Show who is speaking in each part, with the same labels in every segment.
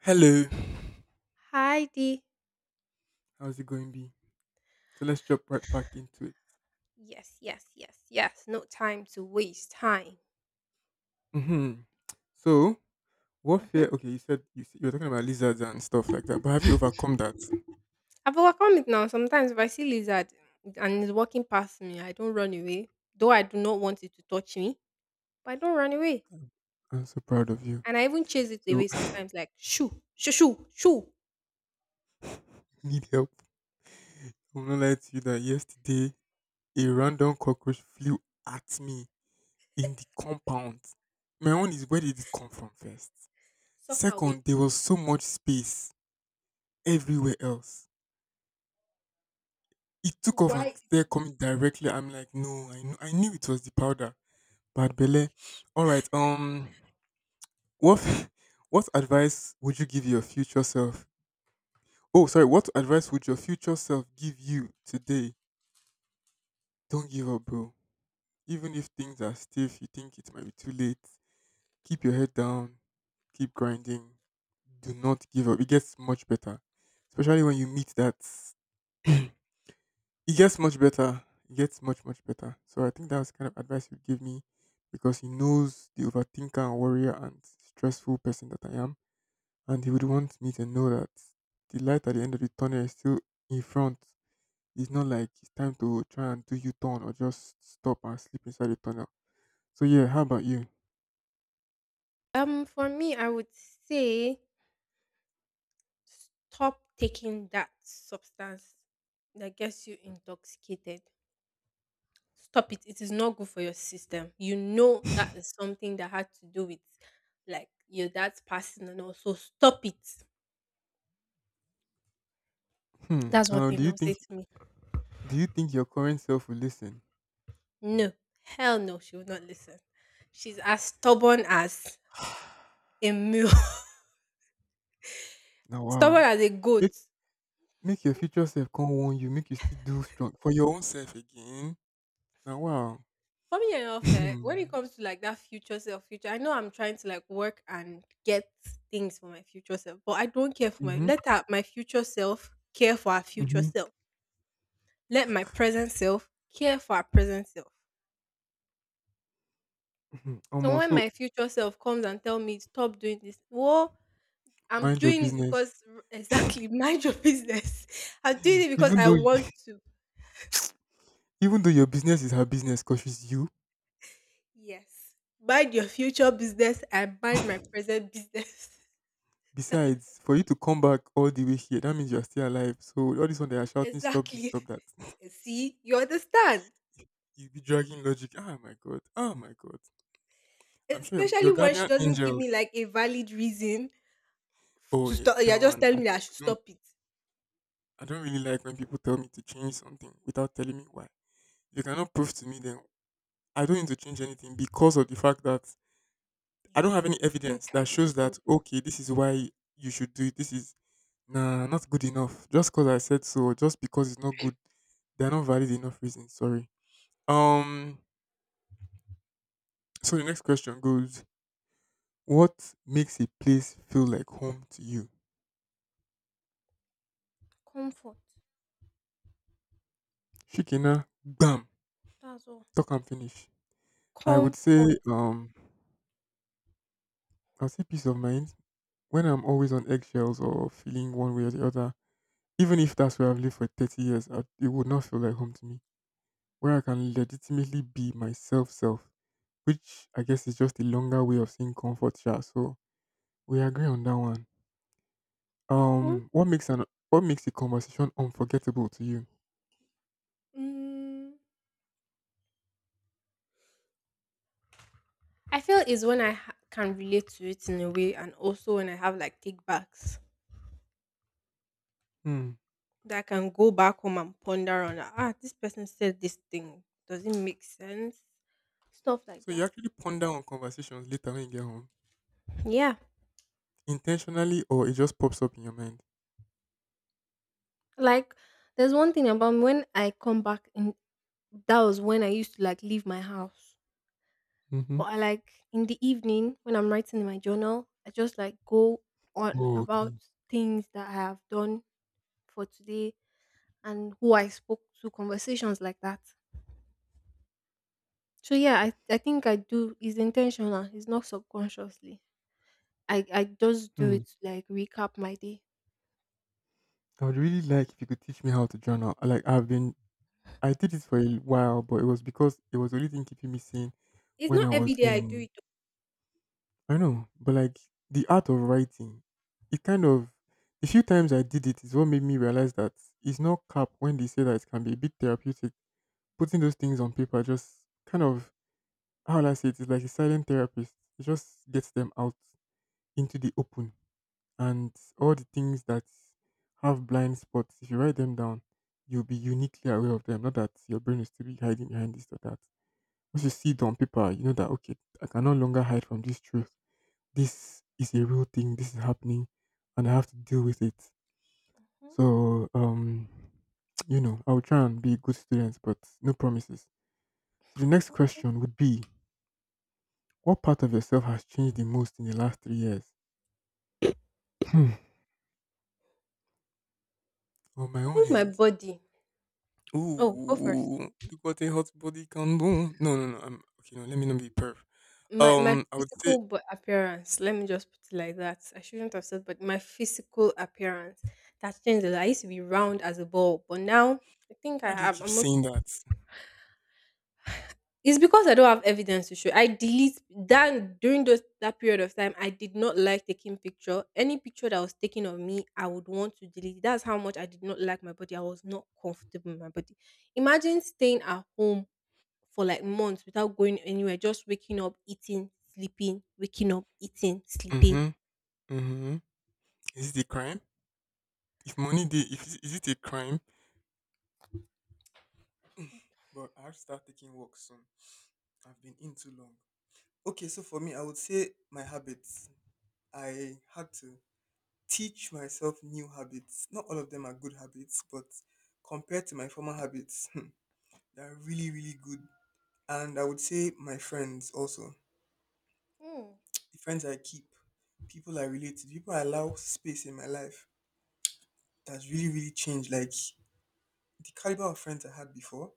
Speaker 1: Hello,
Speaker 2: Heidi.
Speaker 1: how's it going, B? So let's jump right back into it.
Speaker 2: Yes, yes, yes, yes. No time to waste time.
Speaker 1: Hmm. So, what
Speaker 2: Hmm.
Speaker 1: fear? Okay, you said you, s- you were talking about lizards and stuff like that, but have you overcome that?
Speaker 2: I've overcome it now. Sometimes if I see lizard and it's walking past me, I don't run away. Though I do not want it to touch me, but I don't run away.
Speaker 1: I'm so proud of you.
Speaker 2: And I even chase it
Speaker 1: So,
Speaker 2: away
Speaker 1: I
Speaker 2: sometimes, like shoo, shoo, shoo, shoo,
Speaker 1: need help. I'm gonna lie to you that yesterday a random cockroach flew at me in the compound. My own is where did it come from first?
Speaker 2: suck away.
Speaker 1: Second, there was so much space everywhere else. It took off and
Speaker 2: Why?
Speaker 1: they're
Speaker 2: is-
Speaker 1: coming directly. I'm like, no, I knew it was the powder. Bad belle. All right. What what advice would you give your future self? Oh, sorry. What advice would your future self give you today? Don't give up, bro. Even if things are stiff, you think it might be too late. Keep your head down. Keep grinding. Do not give up. It gets much better, especially when you meet that. It gets much better. It gets much, much better. So I think that was the kind of advice you give me, because he knows the overthinker and warrior and stressful person that I am, and they would want me to know that the light at the end of the tunnel is still in front. It's not like it's time to try and do U turn or just stop and sleep inside the tunnel. So yeah, how about you?
Speaker 2: Um, for me, I would say stop taking that substance that gets you intoxicated. Stop it. It is not good for your system. You know that is something that had to do with like your dad's passing and all. So stop it.
Speaker 1: Hmm.
Speaker 2: That's one
Speaker 1: Do
Speaker 2: thing
Speaker 1: you
Speaker 2: they'll
Speaker 1: think
Speaker 2: say to me.
Speaker 1: do you think your current self will listen?
Speaker 2: No. Hell no, she will not listen. She's as stubborn as a mule.
Speaker 1: Now,
Speaker 2: Stubborn
Speaker 1: wow.
Speaker 2: as a goat.
Speaker 1: Make make your future self come warn you. Make you still do strong for your own self again. Now, wow.
Speaker 2: For me enough, when it
Speaker 1: Mhm.
Speaker 2: comes to like that future self, I know I'm trying to like work and get things for my future self, but I don't care for my let her, my future self care for her future
Speaker 1: Mhm.
Speaker 2: self. Let my present self care for her present self.
Speaker 1: Mhm.
Speaker 2: So
Speaker 1: Almost
Speaker 2: when
Speaker 1: so
Speaker 2: my future self comes and tell me stop doing this, well, I'm
Speaker 1: mind your
Speaker 2: doing it
Speaker 1: business.
Speaker 2: because exactly, mind your business. I'm doing it because
Speaker 1: Even
Speaker 2: I
Speaker 1: though
Speaker 2: want to.
Speaker 1: even though your business is her business, cause she's you.
Speaker 2: Yes, mind your future business and mind my present business.
Speaker 1: Besides, for you to come back all the way here, that means you are still alive. So all this one they are shouting, stop this,
Speaker 2: Exactly.
Speaker 1: stop that.
Speaker 2: See, you understand.
Speaker 1: You be dragging logic. Ah my god. Ah my god. I'm sure your
Speaker 2: Especially when she
Speaker 1: guardian
Speaker 2: doesn't give me
Speaker 1: angels.
Speaker 2: like a valid reason
Speaker 1: Oh
Speaker 2: to
Speaker 1: yeah,
Speaker 2: stop.
Speaker 1: that
Speaker 2: You're just
Speaker 1: one. I
Speaker 2: telling me that I should
Speaker 1: don't.
Speaker 2: stop it.
Speaker 1: I don't really like when people tell me to change something without telling me why. You cannot prove to me then I don't need to change anything because of the fact that I don't
Speaker 2: You
Speaker 1: have any
Speaker 2: you
Speaker 1: evidence
Speaker 2: think I
Speaker 1: that
Speaker 2: should
Speaker 1: shows
Speaker 2: change?
Speaker 1: that okay, this is why you should do it. This is nah not good enough. Just because I said so, just because it's not good, they're not valid enough reasons. Sorry. Um. So the next question goes: what makes a place feel like home to you?
Speaker 2: Comfort.
Speaker 1: Shikina, bam,
Speaker 2: That's all.
Speaker 1: talk and finish. I would say,
Speaker 2: Comfort.
Speaker 1: I'll say peace of mind when I'm always on eggshells or feeling one way or the other. Even if that's where I've lived for thirty years, it would not feel like home to me. Where I can legitimately be myself, self, which I guess is just a longer way of saying comfort. Sha. So we agree on that one.
Speaker 2: Mm-hmm.
Speaker 1: Um, what makes an what makes a conversation unforgettable to you?
Speaker 2: Mm. I feel is when I can relate to it in a way, and also when I have like take backs
Speaker 1: Hmm.
Speaker 2: that I can go back home and ponder on, like, ah, this person said this thing. Does it make sense? Stuff like
Speaker 1: So you
Speaker 2: that.
Speaker 1: actually ponder on conversations later when you get home,
Speaker 2: Yeah,
Speaker 1: intentionally, or it just pops up in your mind?
Speaker 2: like there's one thing about me, when I come back in. That was when I used to like leave my house,
Speaker 1: Mm-hmm.
Speaker 2: but I like in the evening when I'm writing in my journal, I just like go on
Speaker 1: Oh,
Speaker 2: about
Speaker 1: okay.
Speaker 2: things that I have done for today and who I spoke to, conversations like that. So yeah, I think I do it's intentional, it's not subconsciously. I just do
Speaker 1: Hmm.
Speaker 2: it to like recap my day.
Speaker 1: I would really like if you could teach me how to journal. I did it for a while, but it was because it was the only thing keeping me sane
Speaker 2: It's
Speaker 1: when
Speaker 2: not
Speaker 1: I
Speaker 2: every
Speaker 1: was
Speaker 2: day I do
Speaker 1: in.
Speaker 2: it.
Speaker 1: I know, but like the art of writing, it kind of, the few times I did it is what made me realize that it's not cap when they say that it can be a bit therapeutic. Putting those things on paper just kind of, how will I say it? It's like a silent therapist. It just gets them out into the open. And all the things that have blind spots, if you write them down, you'll be uniquely aware of them. Not that your brain is still be hiding behind this or that. Once you see it on paper, you know that, okay, I can no longer hide from this truth. This is a real thing. This is happening. And I have to deal with it.
Speaker 2: Mhm.
Speaker 1: So, you know, I will try and be a good student, but no promises. So the next question would be: what part of yourself has changed the most in the last three years? Hmm. On my
Speaker 2: I
Speaker 1: own
Speaker 2: think my
Speaker 1: hand.
Speaker 2: body. Oh, go first.
Speaker 1: Ooh, look what a hot body can do. No, no, no. I'm okay. No, let me not be perv.
Speaker 2: My
Speaker 1: I would
Speaker 2: physical
Speaker 1: say,
Speaker 2: appearance. Let me just put it like that. I shouldn't have said, but my physical appearance that changed a lot. I used to be round as a ball, but now I think
Speaker 1: why
Speaker 2: I
Speaker 1: do you
Speaker 2: am.
Speaker 1: keep
Speaker 2: I'm okay.
Speaker 1: saying that?
Speaker 2: It's because I don't have evidence to show. I delete that during those that period of time. I did not like taking picture. Any picture that was taken of me, I would want to delete it. That's how much I did not like my body. I was not comfortable with my body. Imagine staying at home for like months without going anywhere, just waking up, eating, sleeping, waking up, eating, sleeping.
Speaker 1: Mm-hmm. Mm-hmm. Is it a crime? If money did, if is is it a crime?
Speaker 2: Y-
Speaker 1: But I have to start taking walks soon. I've been in too long. Okay, so for me, I would say my habits. I had to teach myself new habits. Not all of them are good habits, but compared to my former habits, they're really, really good. And I would say my friends also.
Speaker 2: Mm.
Speaker 1: The friends I keep, people I relate to, people I allow space in my life, that's really, really changed. Like the caliber of friends I had before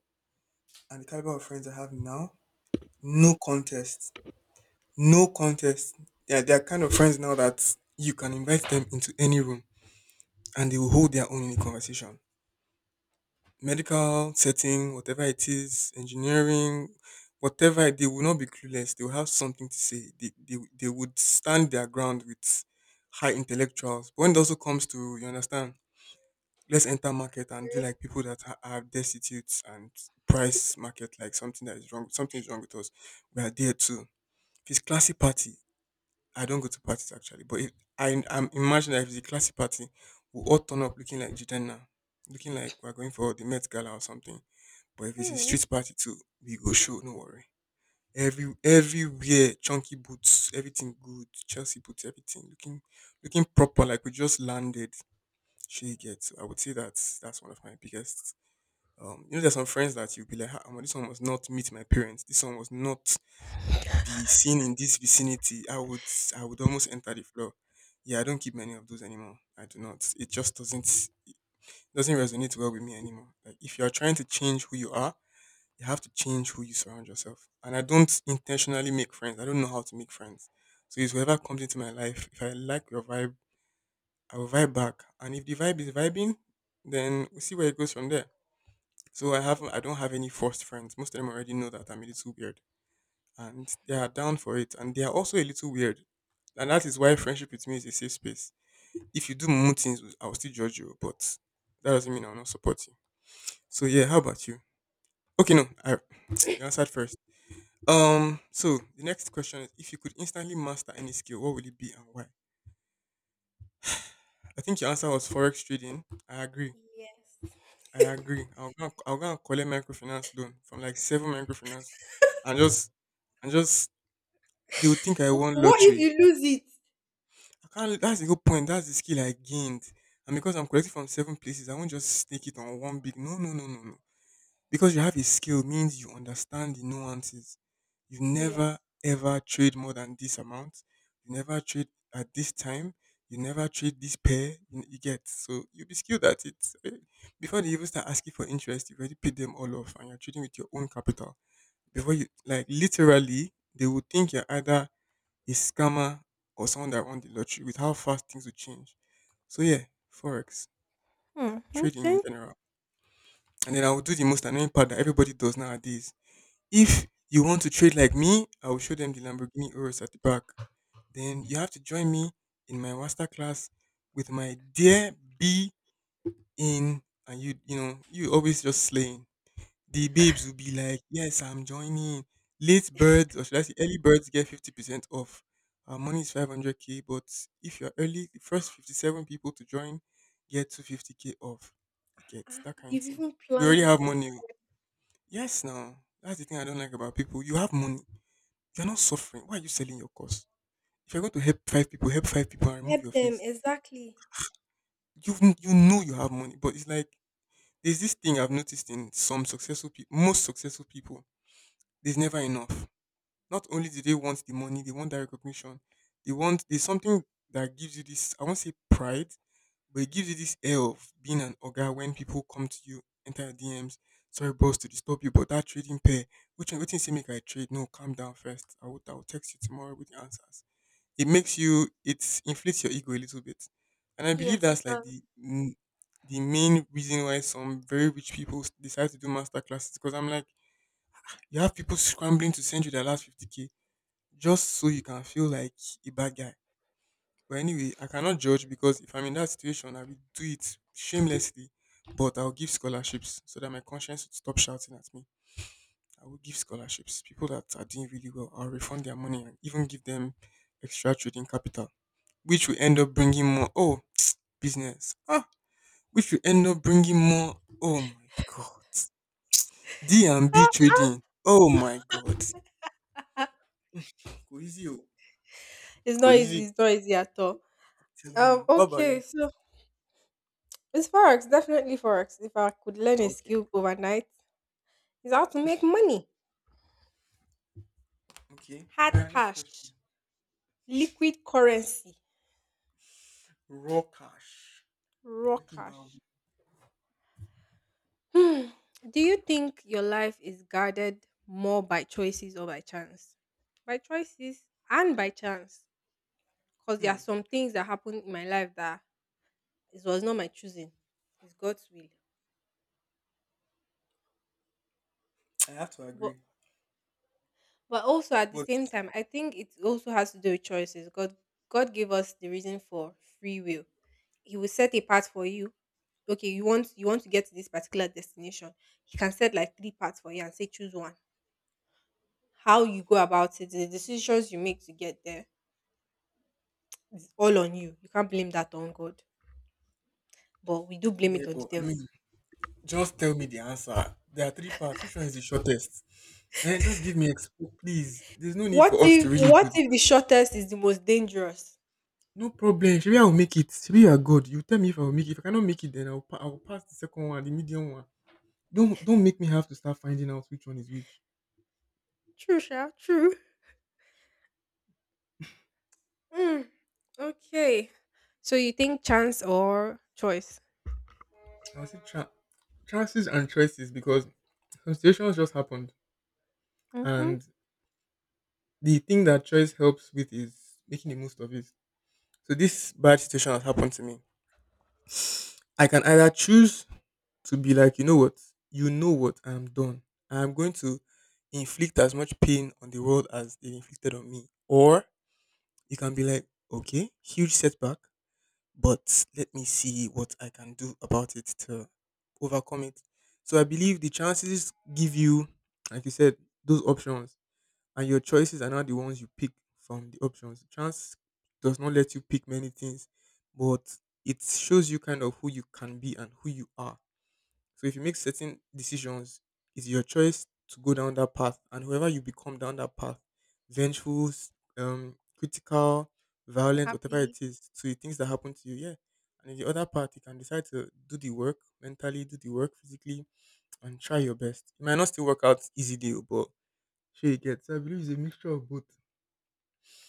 Speaker 1: and the caliber of friends I have now, no contest. No contest. Yeah, they are kind of friends now that you can invite them into any room and they will hold their own in the conversation. Medical setting, whatever it is, engineering, whatever, they will not be clueless. They will have something to say. They would stand their ground with high intellectuals. But when it also comes to, you understand, let's enter market and do
Speaker 2: Right?
Speaker 1: like people that are destitute and price market, like something that is wrong, something is wrong with us. We are there too. If it's classy party, I don't go to parties actually, but if, I'm imagining that if it's a classy party, we all turn up looking like Jidenna, looking like we're going for the Met Gala or something, but if it's a
Speaker 2: Hmm.
Speaker 1: street party too, we go show, no worry. Everywhere, chunky boots, everything good, Chelsea boots, everything looking proper, like we just landed. She gets. I would say that's one of my biggest. You know, there's some friends that you'll be like, ah, omo, this one must not meet my parents. This one must not be seen in this vicinity. I would almost enter the floor. Yeah, I don't keep many of those anymore. I do not. It just doesn't resonate well with me anymore. Like if you are trying to change who you are, you have to change who you surround yourself. And I don't intentionally make friends. I don't know how to make friends. So it's whoever comes into my life. If I like your vibe, I will vibe back. And if the vibe is vibing, then we'll see where it goes from there. I don't have any forced friends. Most of them already know that I'm a little weird. And they are down for it. And they are also a little weird. And that is why friendship with me is a safe space. If you do mumu things, I will still judge you, but that doesn't mean I will not support you. So yeah, how about you? Okay, no, I, you answered first. So the next question is, if you could instantly master any skill, what would it be and why? I think your answer was forex trading. I agree.
Speaker 2: Yes.
Speaker 1: I agree. I'll go and collect microfinance loan from like seven microfinance and just they would think I won
Speaker 2: What if
Speaker 1: lottery.
Speaker 2: you lose it?
Speaker 1: I can't, that's the whole point. That's the skill I gained. And because I'm collecting from seven places, I won't just stake it on one big, no no no no no. Because you have a skill means you understand the nuances. You never
Speaker 2: Yes.
Speaker 1: ever trade more than this amount. You never trade at this time. You never trade this pair, you get. So you'll be skilled at it. Eh, before they even start asking for interest, you've already paid them all off and you're trading with your own capital. Before you, like literally, they would think you're either a scammer or someone that won the lottery with how fast things would change. So yeah, Forex,
Speaker 2: Hmm.
Speaker 1: trading in
Speaker 2: Okay.
Speaker 1: general. And then I would do the most annoying part that everybody does nowadays. If you want to trade like me, I will show them the Lamborghini Urus at the back. Then you have to join me in my masterclass with my dear B in, and you know, you always just slaying. The babes will be like, yes, I'm joining. Late birds, or should I say early birds, get 50% off. Our money is 500k, but if you're early, the first 57 people to join get 250k off. You get
Speaker 2: Ah,
Speaker 1: that kind of
Speaker 2: you've
Speaker 1: thing.
Speaker 2: even
Speaker 1: We already
Speaker 2: planned
Speaker 1: have
Speaker 2: it in.
Speaker 1: money. Yes, now. That's the thing I don't like about people. You have money. You're not suffering. Why are you selling your course? If you're going to help five people and remove
Speaker 2: Help
Speaker 1: your
Speaker 2: them,
Speaker 1: face.
Speaker 2: exactly.
Speaker 1: You you know you have money, but it's like there's this thing I've noticed in some successful people, most successful people. There's never enough. Not only do they want the money, they want that recognition. They want there's something that gives you this. I won't say pride, but it gives you this air of being an ogre when people come to you, enter your DMs. Sorry, boss, to disturb you, but that trading pair, which one say make I trade? No, calm down first. I will text you tomorrow with the answers. It inflates your ego a little bit. And I believe
Speaker 2: Yes, it
Speaker 1: that's like
Speaker 2: does.
Speaker 1: the the main reason why some very rich people decide to do master classes, because I'm like, you have people scrambling to send you their last 50k just so you can feel like a bad guy. But anyway, I cannot judge, because if I'm in that situation, I will do it shamelessly. But I'll give scholarships so that my conscience would stop shouting at me. I will give scholarships. People that are doing really well, I'll refund their money and even give them extra trading capital, which will end up bringing more. Oh business ah, which will end up bringing more. Oh my god, D and B
Speaker 2: Ah,
Speaker 1: trading, oh my god.
Speaker 2: ah,
Speaker 1: Go easy oh.
Speaker 2: it's
Speaker 1: Go
Speaker 2: not easy.
Speaker 1: easy,
Speaker 2: It's not easy at all.
Speaker 1: telling you. What about you?
Speaker 2: Okay. So it's forex. Definitely forex. If I could learn
Speaker 1: Oh,
Speaker 2: a
Speaker 1: okay.
Speaker 2: skill overnight, it's how to make money,
Speaker 1: Okay,
Speaker 2: hard
Speaker 1: all right, next question.
Speaker 2: cash. Liquid currency,
Speaker 1: Raw cash,
Speaker 2: raw
Speaker 1: making my own.
Speaker 2: cash. Hmm. Do you think your life is guarded more by choices or by chance? By choices and by chance. Because there are
Speaker 1: Hmm,
Speaker 2: some things that happened in my life that it was not my choosing. It's God's will.
Speaker 1: I have to agree,
Speaker 2: But but also at the
Speaker 1: but
Speaker 2: same time, I think it also has to do with choices. God gave us the reason for free will. He will set a path for you. Okay, you want to get to this particular destination. He can set like three paths for you and say choose one. How you go about it, the decisions you make to get there is all on you. You can't blame that on God. But we do blame
Speaker 1: yeah,
Speaker 2: it on the
Speaker 1: but I
Speaker 2: devil.
Speaker 1: mean, just tell me the answer. There are three parts, which one is the shortest? And just give me please, there's no need for
Speaker 2: What
Speaker 1: us to
Speaker 2: if
Speaker 1: really do.
Speaker 2: what if the shortest is the most dangerous?
Speaker 1: No problem. Shebi I will make it. Shebi you are good. You tell me if I will make it. If I cannot make it, then I will pass the second one, the medium one. Don't make me have to start finding out which one is which.
Speaker 2: True, Sha, true. Mm, okay. So you think chance or choice?
Speaker 1: I will say tra- Chances and choices, because some situations just happened,
Speaker 2: Mm-hmm.
Speaker 1: and the thing that choice helps with is making the most of it. So this bad situation has happened to me. I can either choose to be like, you know what, I'm done. I'm going to inflict as much pain on the world as they inflicted on me, or you can be like, okay, huge setback, but let me see what I can do about it to overcome it. So I believe the chances give you, like you said, those options, and your choices are not the ones you pick from the options. Chance does not let you pick many things, but it shows you kind of who you can be and who you are. So if you make certain decisions, it's your choice to go down that path, and whoever you become down that path, vengeful, critical, violent, whatever
Speaker 2: Happy.
Speaker 1: it is, to the things that happen to you, yeah. And in the other part, you can decide to do the work mentally, do the work physically, and try your best. It might not still work out easy deal, but sure you get. So I believe it's a mixture of both.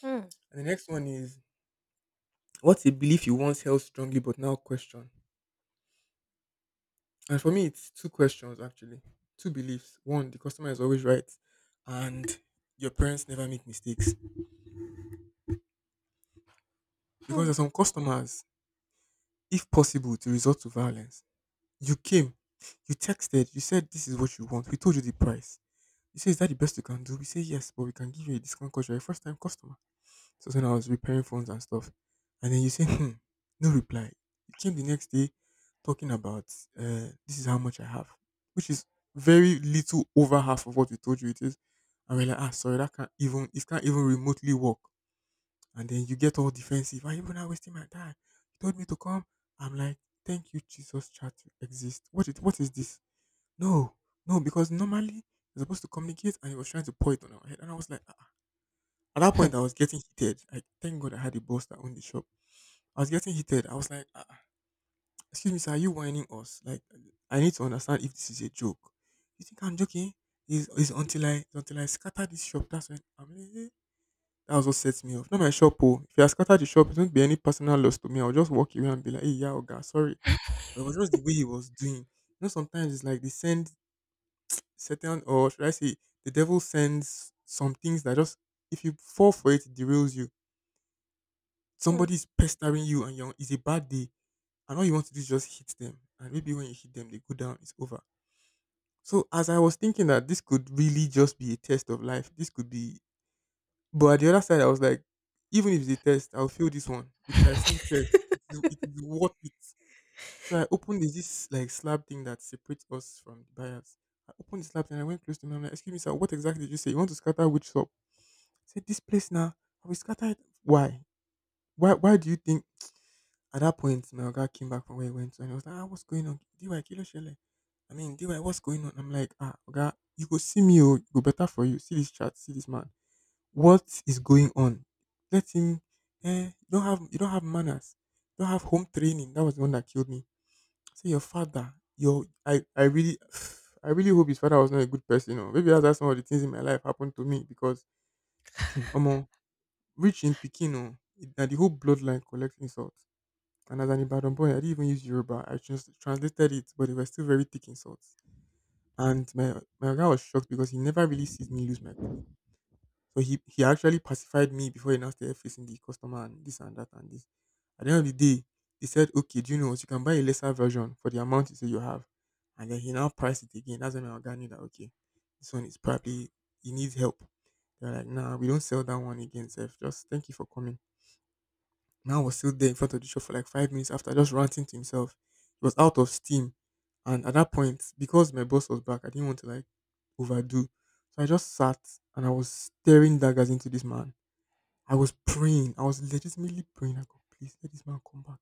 Speaker 2: Mm,
Speaker 1: And the next one is, what's a belief you once held strongly but now question? And for me, it's two questions actually, two beliefs. One, the customer is always right, and your parents never make mistakes. Because
Speaker 2: mm.
Speaker 1: there's some customers, if possible, to resort to violence. You came, you texted, you said this is what you want. We told you the price. You say, is that the best you can do? We say yes, but we can give you a discount because you're a first time customer. So when I was repairing phones and stuff, and then you say, hmm, no reply. You came the next day talking about this is how much I have, which is very little over half of what we told you it is. And we're like, ah, sorry, that can't even remotely work. And then you get all defensive. Why are you even not wasting my time? You told me to come. I'm like, thank you, Jesus chat to exist. What is this? No, no, because normally you're supposed to communicate, and he was trying to pour it on our head. And I was like, at that point, I was getting heated. Like, thank God I had a boss that owned the shop. I was getting heated. I was like, "Ah, ah, excuse me, sir, are you whining us? Like, I need to understand if this is a joke. You think I'm joking? Is until I scatter this shop. That's when I'm like, eh. That was what sets me off. Not my shop, oh. If I scatter the shop, it won't be any personal loss to me. I'll just walk away and be like, hey, yeah, Oga, sorry. But it was just the way he was doing. You know, sometimes it's like they send certain, or should I say, the devil sends some things that just, if you fall for it, it derails you.
Speaker 2: Mm.
Speaker 1: Somebody's pestering you, and you're, it's a bad day, and all you want to do is just hit them, and maybe when you hit them they go down, it's over. So as I was thinking that this could really just be a test of life, this could be, but at the other side I was like, even if it's a test I'll fail this one with my full chest, it is worth it. So I opened this like slab thing that separates us from the buyers. I opened the slab and I went close to him. I'm like, excuse me sir, what exactly did you say you want to scatter, which shop? I said this place now, I will scatter it. Why? Why do you think? At that point, my guy came back from where he went to, and he was like, ah, what's going on? DY, kilo shele. I mean, DY, what's going on? I'm like, ah, guy, you go see me, oh, go better for you. See this chat, see this man. What is going on? Let him, eh, you don't have manners. You don't have home training. That was the one that killed me. Say your father, your, I really, I really hope his father was not a good person. Or maybe that's why some of the things in my life happened to me because, I'm rich in Pekin, oh, na the whole bloodline collects insult. And as an Ibadan boy, I didn't even use Yoruba. I just translated it, but they were still very thick insults. And my guy was shocked because he never really sees me lose my cool. So he actually pacified me before he now started facing the customer and this and that and this. At the end of the day, he said, "Okay, do you know what? You can buy a lesser version for the amount you say you have." And then he now priced it again. That's when my guy knew that, okay, this one is probably, he needs help. They're like, "Nah, we don't sell that one again, Seth. Just thank you for coming." Man was still there in front of the shop for like 5 minutes after, just ranting to himself. He was out of steam. And at that point, because my boss was back, I didn't want to like overdo. So I just sat and I was staring daggers into this man. I was praying. I was legitimately praying. I go, please let this man come back.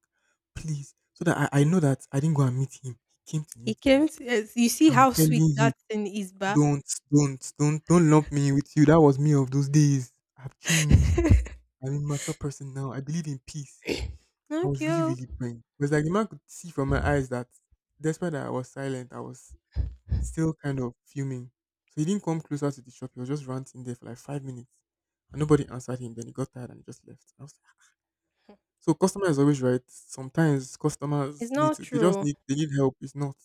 Speaker 1: Please. So that I know that I didn't go and meet him. He came to
Speaker 2: He
Speaker 1: meet me.
Speaker 2: came to. Yes, you see
Speaker 1: I'm
Speaker 2: how sweet
Speaker 1: telling you,
Speaker 2: that thing is, ba?
Speaker 1: don't, don't lump me with you. That was me of those days. I've changed. I'm a mature person now. I believe in peace. I
Speaker 2: Thank
Speaker 1: was really,
Speaker 2: you.
Speaker 1: really praying. It was like the man could see from my eyes that despite that I was silent, I was still kind of fuming. So he didn't come closer to the shop. He was just ranting there for like 5 minutes. And nobody answered him. Then he got tired and he just left. I was like, so customer is always right. Sometimes customers
Speaker 2: It's
Speaker 1: need
Speaker 2: not
Speaker 1: to,
Speaker 2: true.
Speaker 1: they need help. It's not.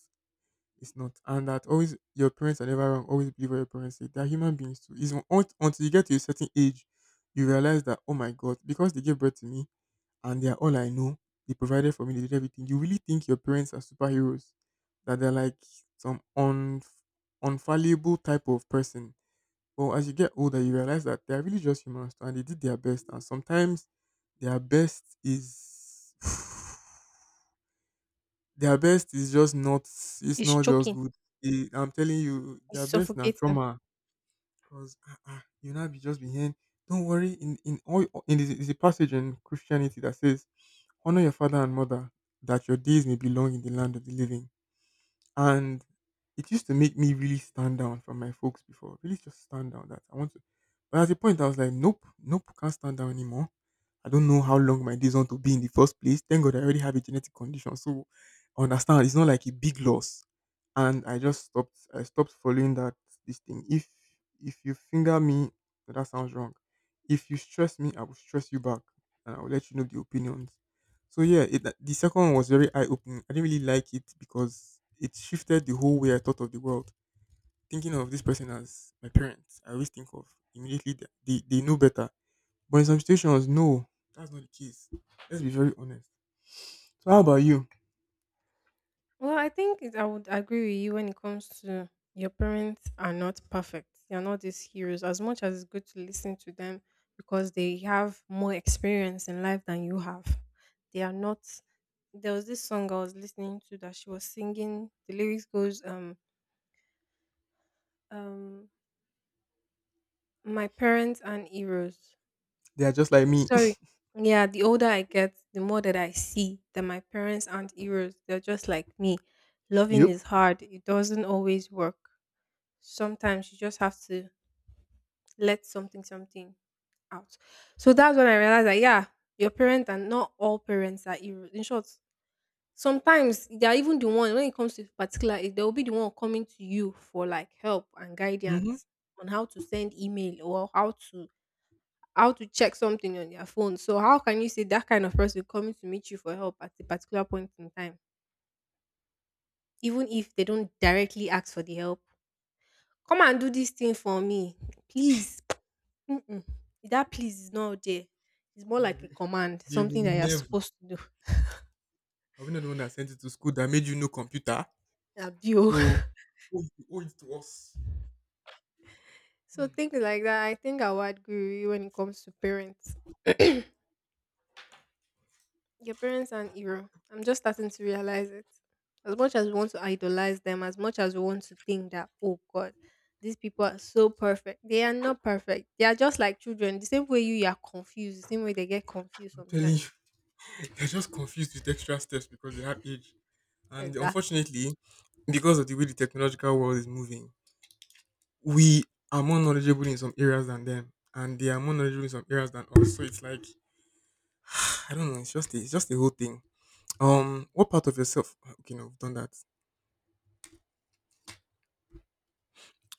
Speaker 1: It's not. And that always your parents are never wrong. Always believe what your parents say. They're human beings too. It's until you get to a certain age, you realize that, oh my God, because they gave birth to me, and they are all I know. They provided for me, they did everything. You really think your parents are superheroes, that they're like some unfallible type of person. But as you get older, you realize that they're really just humans too, and they did their best. And sometimes their best is their best is just not it's
Speaker 2: It's
Speaker 1: not just
Speaker 2: choking.
Speaker 1: good. I'm telling you,
Speaker 2: It's
Speaker 1: their best now
Speaker 2: suffocating.
Speaker 1: trauma because you now be just be hearing, don't worry. In all in the, is a passage in Christianity that says, honor your father and mother, that your days may be long in the land of the living. And it used to make me really stand down from my folks before, really just stand down that I want to. But at a point, I was like, nope, nope, can't stand down anymore. I don't know how long my days want to be in the first place. Thank God I already have a genetic condition. So I understand it's not like a big loss. And I just stopped. I stopped following that this thing. If you finger me, that sounds wrong. If you stress me, I will stress you back. And I will let you know the opinions. So yeah, the second one was very eye opening. I didn't really like it because it shifted the whole way I thought of the world. Thinking of this person as my parents, I always think of immediately they know better. But in some situations, no, that's not the case. Let's be very honest. So how about you?
Speaker 2: Well, I think I would agree with you when it comes to your parents are not perfect. They are not these heroes. As much as it's good to listen to them because they have more experience in life than you have, they are not. There was this song I was listening to that she was singing. The lyrics goes, um, my parents and heroes.
Speaker 1: They are just like me.
Speaker 2: Sorry. Yeah, the older I get, the more that I see that my parents aren't heroes. They're just like me. Loving
Speaker 1: Yep.
Speaker 2: is hard. It doesn't always work. Sometimes you just have to let something out. So that's when I realized that yeah, your parents and not all parents are heroes. In short, sometimes they are even the one when it comes to particular age, they will be the one coming to you for like help and
Speaker 1: Mm-hmm.
Speaker 2: guidance on how to send email or how to check something on their phone. So how can you say that kind of person coming to meet you for help at a particular point in time, even if they don't directly ask for the help? Come and do this thing for me, please. Mm-mm. That please is not there. It's more
Speaker 1: They
Speaker 2: like a
Speaker 1: will,
Speaker 2: command,
Speaker 1: they
Speaker 2: something
Speaker 1: will
Speaker 2: that you're
Speaker 1: never.
Speaker 2: supposed to do.
Speaker 1: Are we not the one that sent you to school that made you know computer?
Speaker 2: Abuse.
Speaker 1: So owe it to us.
Speaker 2: So
Speaker 1: Mm,
Speaker 2: things like that. I think I would agree with you when it comes to parents. Your parents are an hero. I'm just starting to realize it. As much as we want to idolize them, as much as we want to think that, oh God, these people are so perfect. They are not perfect. They are just like children. The same way you are confused, the same way they get confused
Speaker 1: I'm telling you,
Speaker 2: sometimes.
Speaker 1: they're just confused with extra steps because they have age. And
Speaker 2: Exactly.
Speaker 1: unfortunately, because of the way the technological world is moving, we are more knowledgeable in some areas than them, and they are more knowledgeable in some areas than us. So it's like I don't know. It's just the whole thing. What part of yourself? Okay, no, we've done that.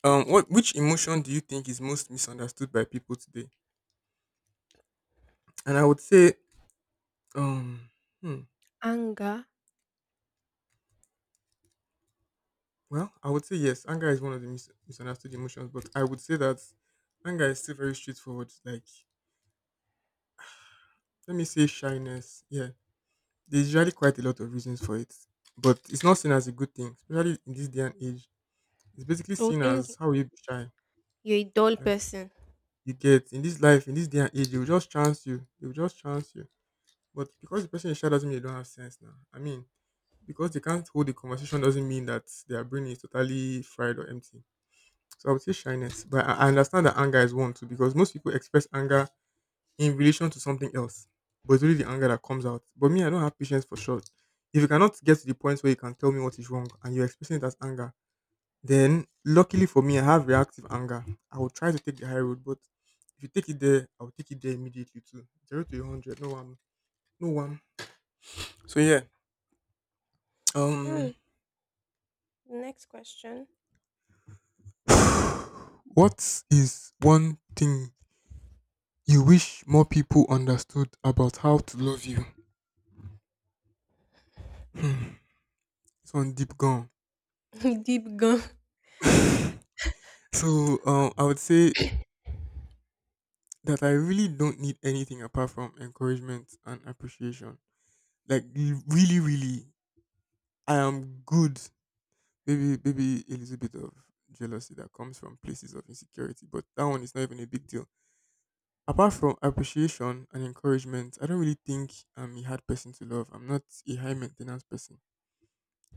Speaker 1: What which emotion do you think is most misunderstood by people today? And I would say, um, hmm,
Speaker 2: Anger.
Speaker 1: well, I would say yes. Anger is one of the misunderstood emotions, but I would say that anger is still very straightforward. Like, let me say shyness. Yeah, there's usually quite a lot of reasons for it, but it's not seen as a good thing, especially in this day and age. It's basically
Speaker 2: They'll
Speaker 1: seen
Speaker 2: think
Speaker 1: as how will you be shy.
Speaker 2: you're a dull
Speaker 1: That
Speaker 2: person.
Speaker 1: you get in this life, in this day and age, they will just chance you. They will just chance you. But because the person is shy doesn't mean they don't have sense now. I mean, because they can't hold the conversation doesn't mean that their brain is totally fried or empty. So I would say shyness, but I understand that anger is one too because most people express anger in relation to something else. But it's only the anger that comes out. But me, I don't have patience for short. If you cannot get to the point where you can tell me what is wrong and you're expressing it as anger, then luckily for me, I have reactive anger. I will try to take the high road, but if you take it there, I will take it there immediately too. Zero to a hundred, no one, no one. So yeah, um,
Speaker 2: Mm, next question.
Speaker 1: what is one thing you wish more people understood about how to love you? Hmm, this one deep gone.
Speaker 2: Deep gun.
Speaker 1: So I would say that I really don't need anything apart from encouragement and appreciation. Like really, really, I am good. Maybe a little bit of jealousy that comes from places of insecurity, but that one is not even a big deal. Apart from appreciation and encouragement, I don't really think I'm a hard person to love. I'm not a high maintenance person.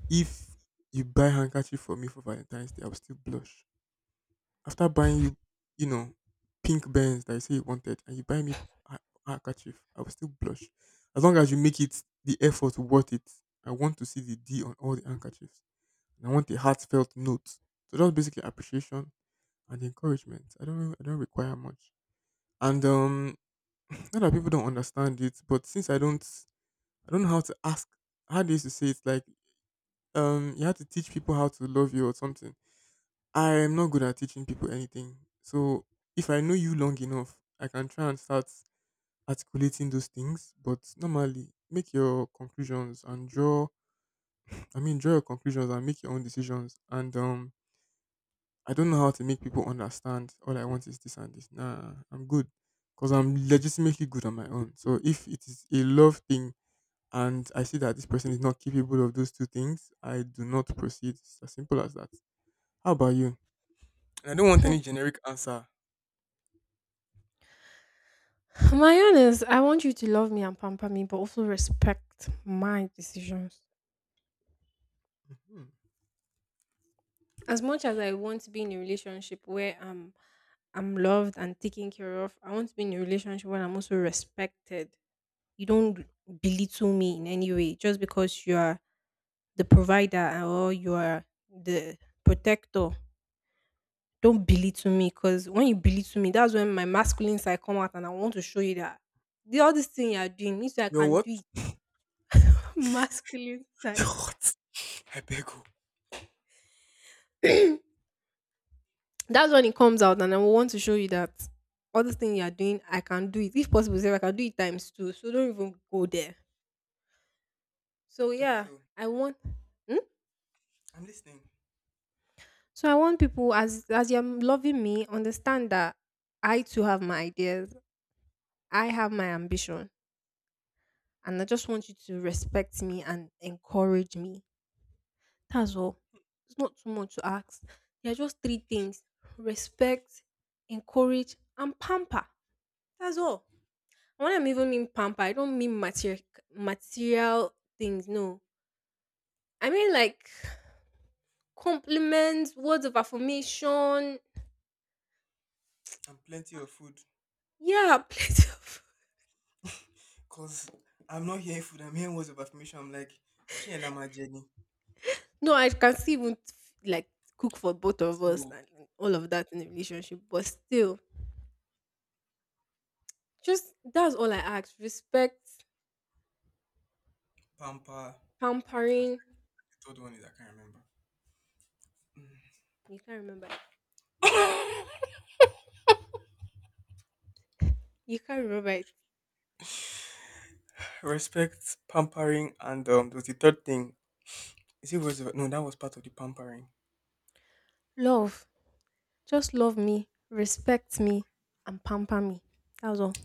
Speaker 1: If you buy handkerchief for me for Valentine's Day, I'll still blush. After buying you pink bands that you say you wanted, and you buy me a handkerchief, I will still blush. As long as you make it the effort worth it, I want to see the D on all the handkerchiefs, and I want a heartfelt note. So that's basically appreciation and encouragement. I don't require much. And not that people don't understand it, but since I don't know how to ask. How they used to say it's like, you have to teach people how to love you or something. I'm not good at teaching people anything. So if I know you long enough, I can try and start articulating those things. But normally, make your conclusions and draw. I mean, draw your conclusions and make your own decisions. And I don't know how to make people understand. All I want is this and this. Nah, I'm good because I'm legitimately good on my own. So if it is a love thing and I see that this person is not capable of those two things, I do not proceed. It's as simple as that. How about you? And I don't want any generic answer.
Speaker 2: My own is I want you to love me and pamper me, but also respect my decisions.
Speaker 1: Hmm.
Speaker 2: As much as I want to be in a relationship where I'm loved and taken care of, I want to be in a relationship where I'm also respected. You don't belittle me in any way just because you are the provider or you are the protector. Don't belittle me because when you belittle me, that's when my masculine side come out and I want to show you that the all this thing you are doing means I
Speaker 1: Your
Speaker 2: can
Speaker 1: what?
Speaker 2: do it. Masculine
Speaker 1: Your
Speaker 2: side.
Speaker 1: what? I beg you.
Speaker 2: That's when it comes out, and I will want to show you that other thing you are doing, I can do it. If possible, say I can do it times two. So don't even go there. So
Speaker 1: Okay,
Speaker 2: yeah,
Speaker 1: so
Speaker 2: I want. Hmm?
Speaker 1: I'm listening.
Speaker 2: So I want people, as you're loving me, understand that I too have my ideas. I have my ambition, and I just want you to respect me and encourage me. That's all. It's not too much to ask. There are just three things: respect, encourage, and pamper. That's all. When I'm even mean pamper, I don't mean material things. No, I mean like compliments, words of affirmation.
Speaker 1: I'm plenty of food.
Speaker 2: Yeah, plenty of.
Speaker 1: Cause I'm not hearing food, I'm hearing words of affirmation. I'm like, she and I'm a Jenny.
Speaker 2: No, I can still even like cook for both of us
Speaker 1: So
Speaker 2: and all of that in a relationship. But still, just that's all I ask. Respect,
Speaker 1: pamper and
Speaker 2: pampering.
Speaker 1: the third one is I can't remember.
Speaker 2: You can't remember it. You can't remember it.
Speaker 1: Respect, pampering, and there was the third thing. Is it words of no, that was part of the pampering.
Speaker 2: Love. Just love me, respect me, and pamper me. That was all.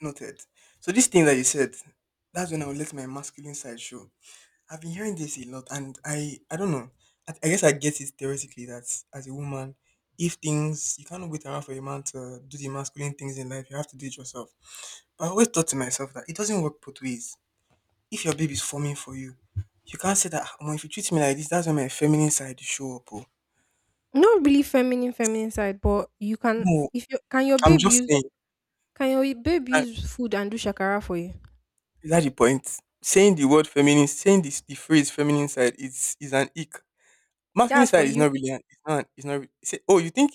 Speaker 1: Noted. So this thing that you said, that's when I will let my masculine side show. I've been hearing this a lot, and I don't know. I guess I get it theoretically that as a woman, if things you cannot wait around for a man to do the masculine things in life, you have to do it yourself. But I always thought to myself that it doesn't work both ways. If your baby's forming for you, you can't say that. Oh, if you treat me like this, that's when my feminine side will show up. Oh.
Speaker 2: Not really feminine, feminine side, but you can
Speaker 1: No,
Speaker 2: if you can your
Speaker 1: I'm
Speaker 2: babe
Speaker 1: just
Speaker 2: use
Speaker 1: saying.
Speaker 2: can your babe
Speaker 1: I,
Speaker 2: use food and do shakara for you.
Speaker 1: is that the point? Saying the word feminine, saying this the phrase feminine side is an ick. Masculine
Speaker 2: That's for
Speaker 1: side is
Speaker 2: you
Speaker 1: not really an it's not re- say oh you think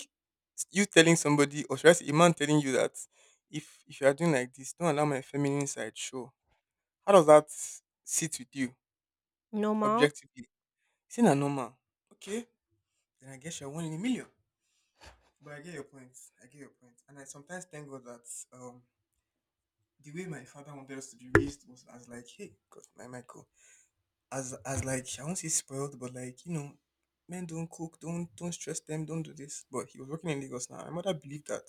Speaker 1: you telling somebody or should I say a man telling you that if you are doing like this, don't allow my feminine side show. How does that sit with you
Speaker 2: normal.
Speaker 1: objectively? It's not normal. Okay, then I guess you're one in a million. But I get your point. I get your point. And I sometimes thank God that um the way my father wanted us to be raised was as like, hey, God, my Michael. As like I won't say spoiled, but like you know, men don't cook, don't stress them, don't do this. But he was working in Lagos now. My mother believed that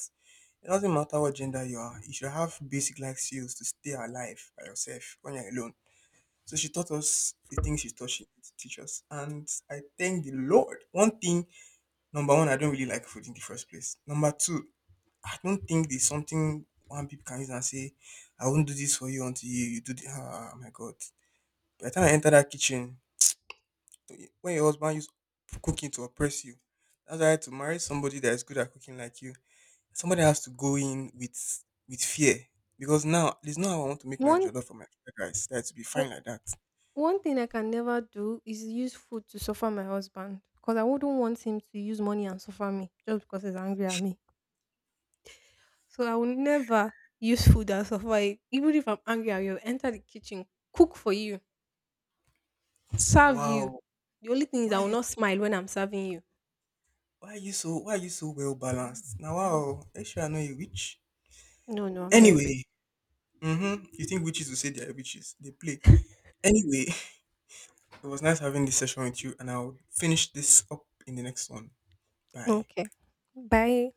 Speaker 1: it doesn't matter what gender you are, you should have basic life skills to stay alive by yourself when you're alone. So she taught us the things she to teach us, and I thank the Lord. One thing, number one, I don't really like food in the first place. Number two, I don't think there's something one people can use and say, "I won't do this for you until you do." The, ah, my God! By the time I enter that kitchen, when your husband use cooking to oppress you. That's why to marry somebody that is good at cooking like you, somebody has to go in with fear. Because now there's no how I want to make my
Speaker 2: One
Speaker 1: jollof for my fried rice. That to be
Speaker 2: o-
Speaker 1: fine like that.
Speaker 2: One thing I can never do is use food to suffer my husband because I wouldn't want him to use money and suffer me just because he's angry at me. So I will never use food and suffer it. Even if I'm angry, I will enter the kitchen, cook for you,
Speaker 1: Now
Speaker 2: serve you.
Speaker 1: wow.
Speaker 2: The only thing is I
Speaker 1: Why are
Speaker 2: will
Speaker 1: you
Speaker 2: not smile when I'm serving you.
Speaker 1: why are you so well balanced? Now wow, make sure I know you witch.
Speaker 2: No, no, I'm not a bit.
Speaker 1: Anyway, mm-hmm. You think witches will say they are witches. They play. Anyway, it was nice having this session with you and I'll finish this up in the next one. Bye.
Speaker 2: Okay. Bye.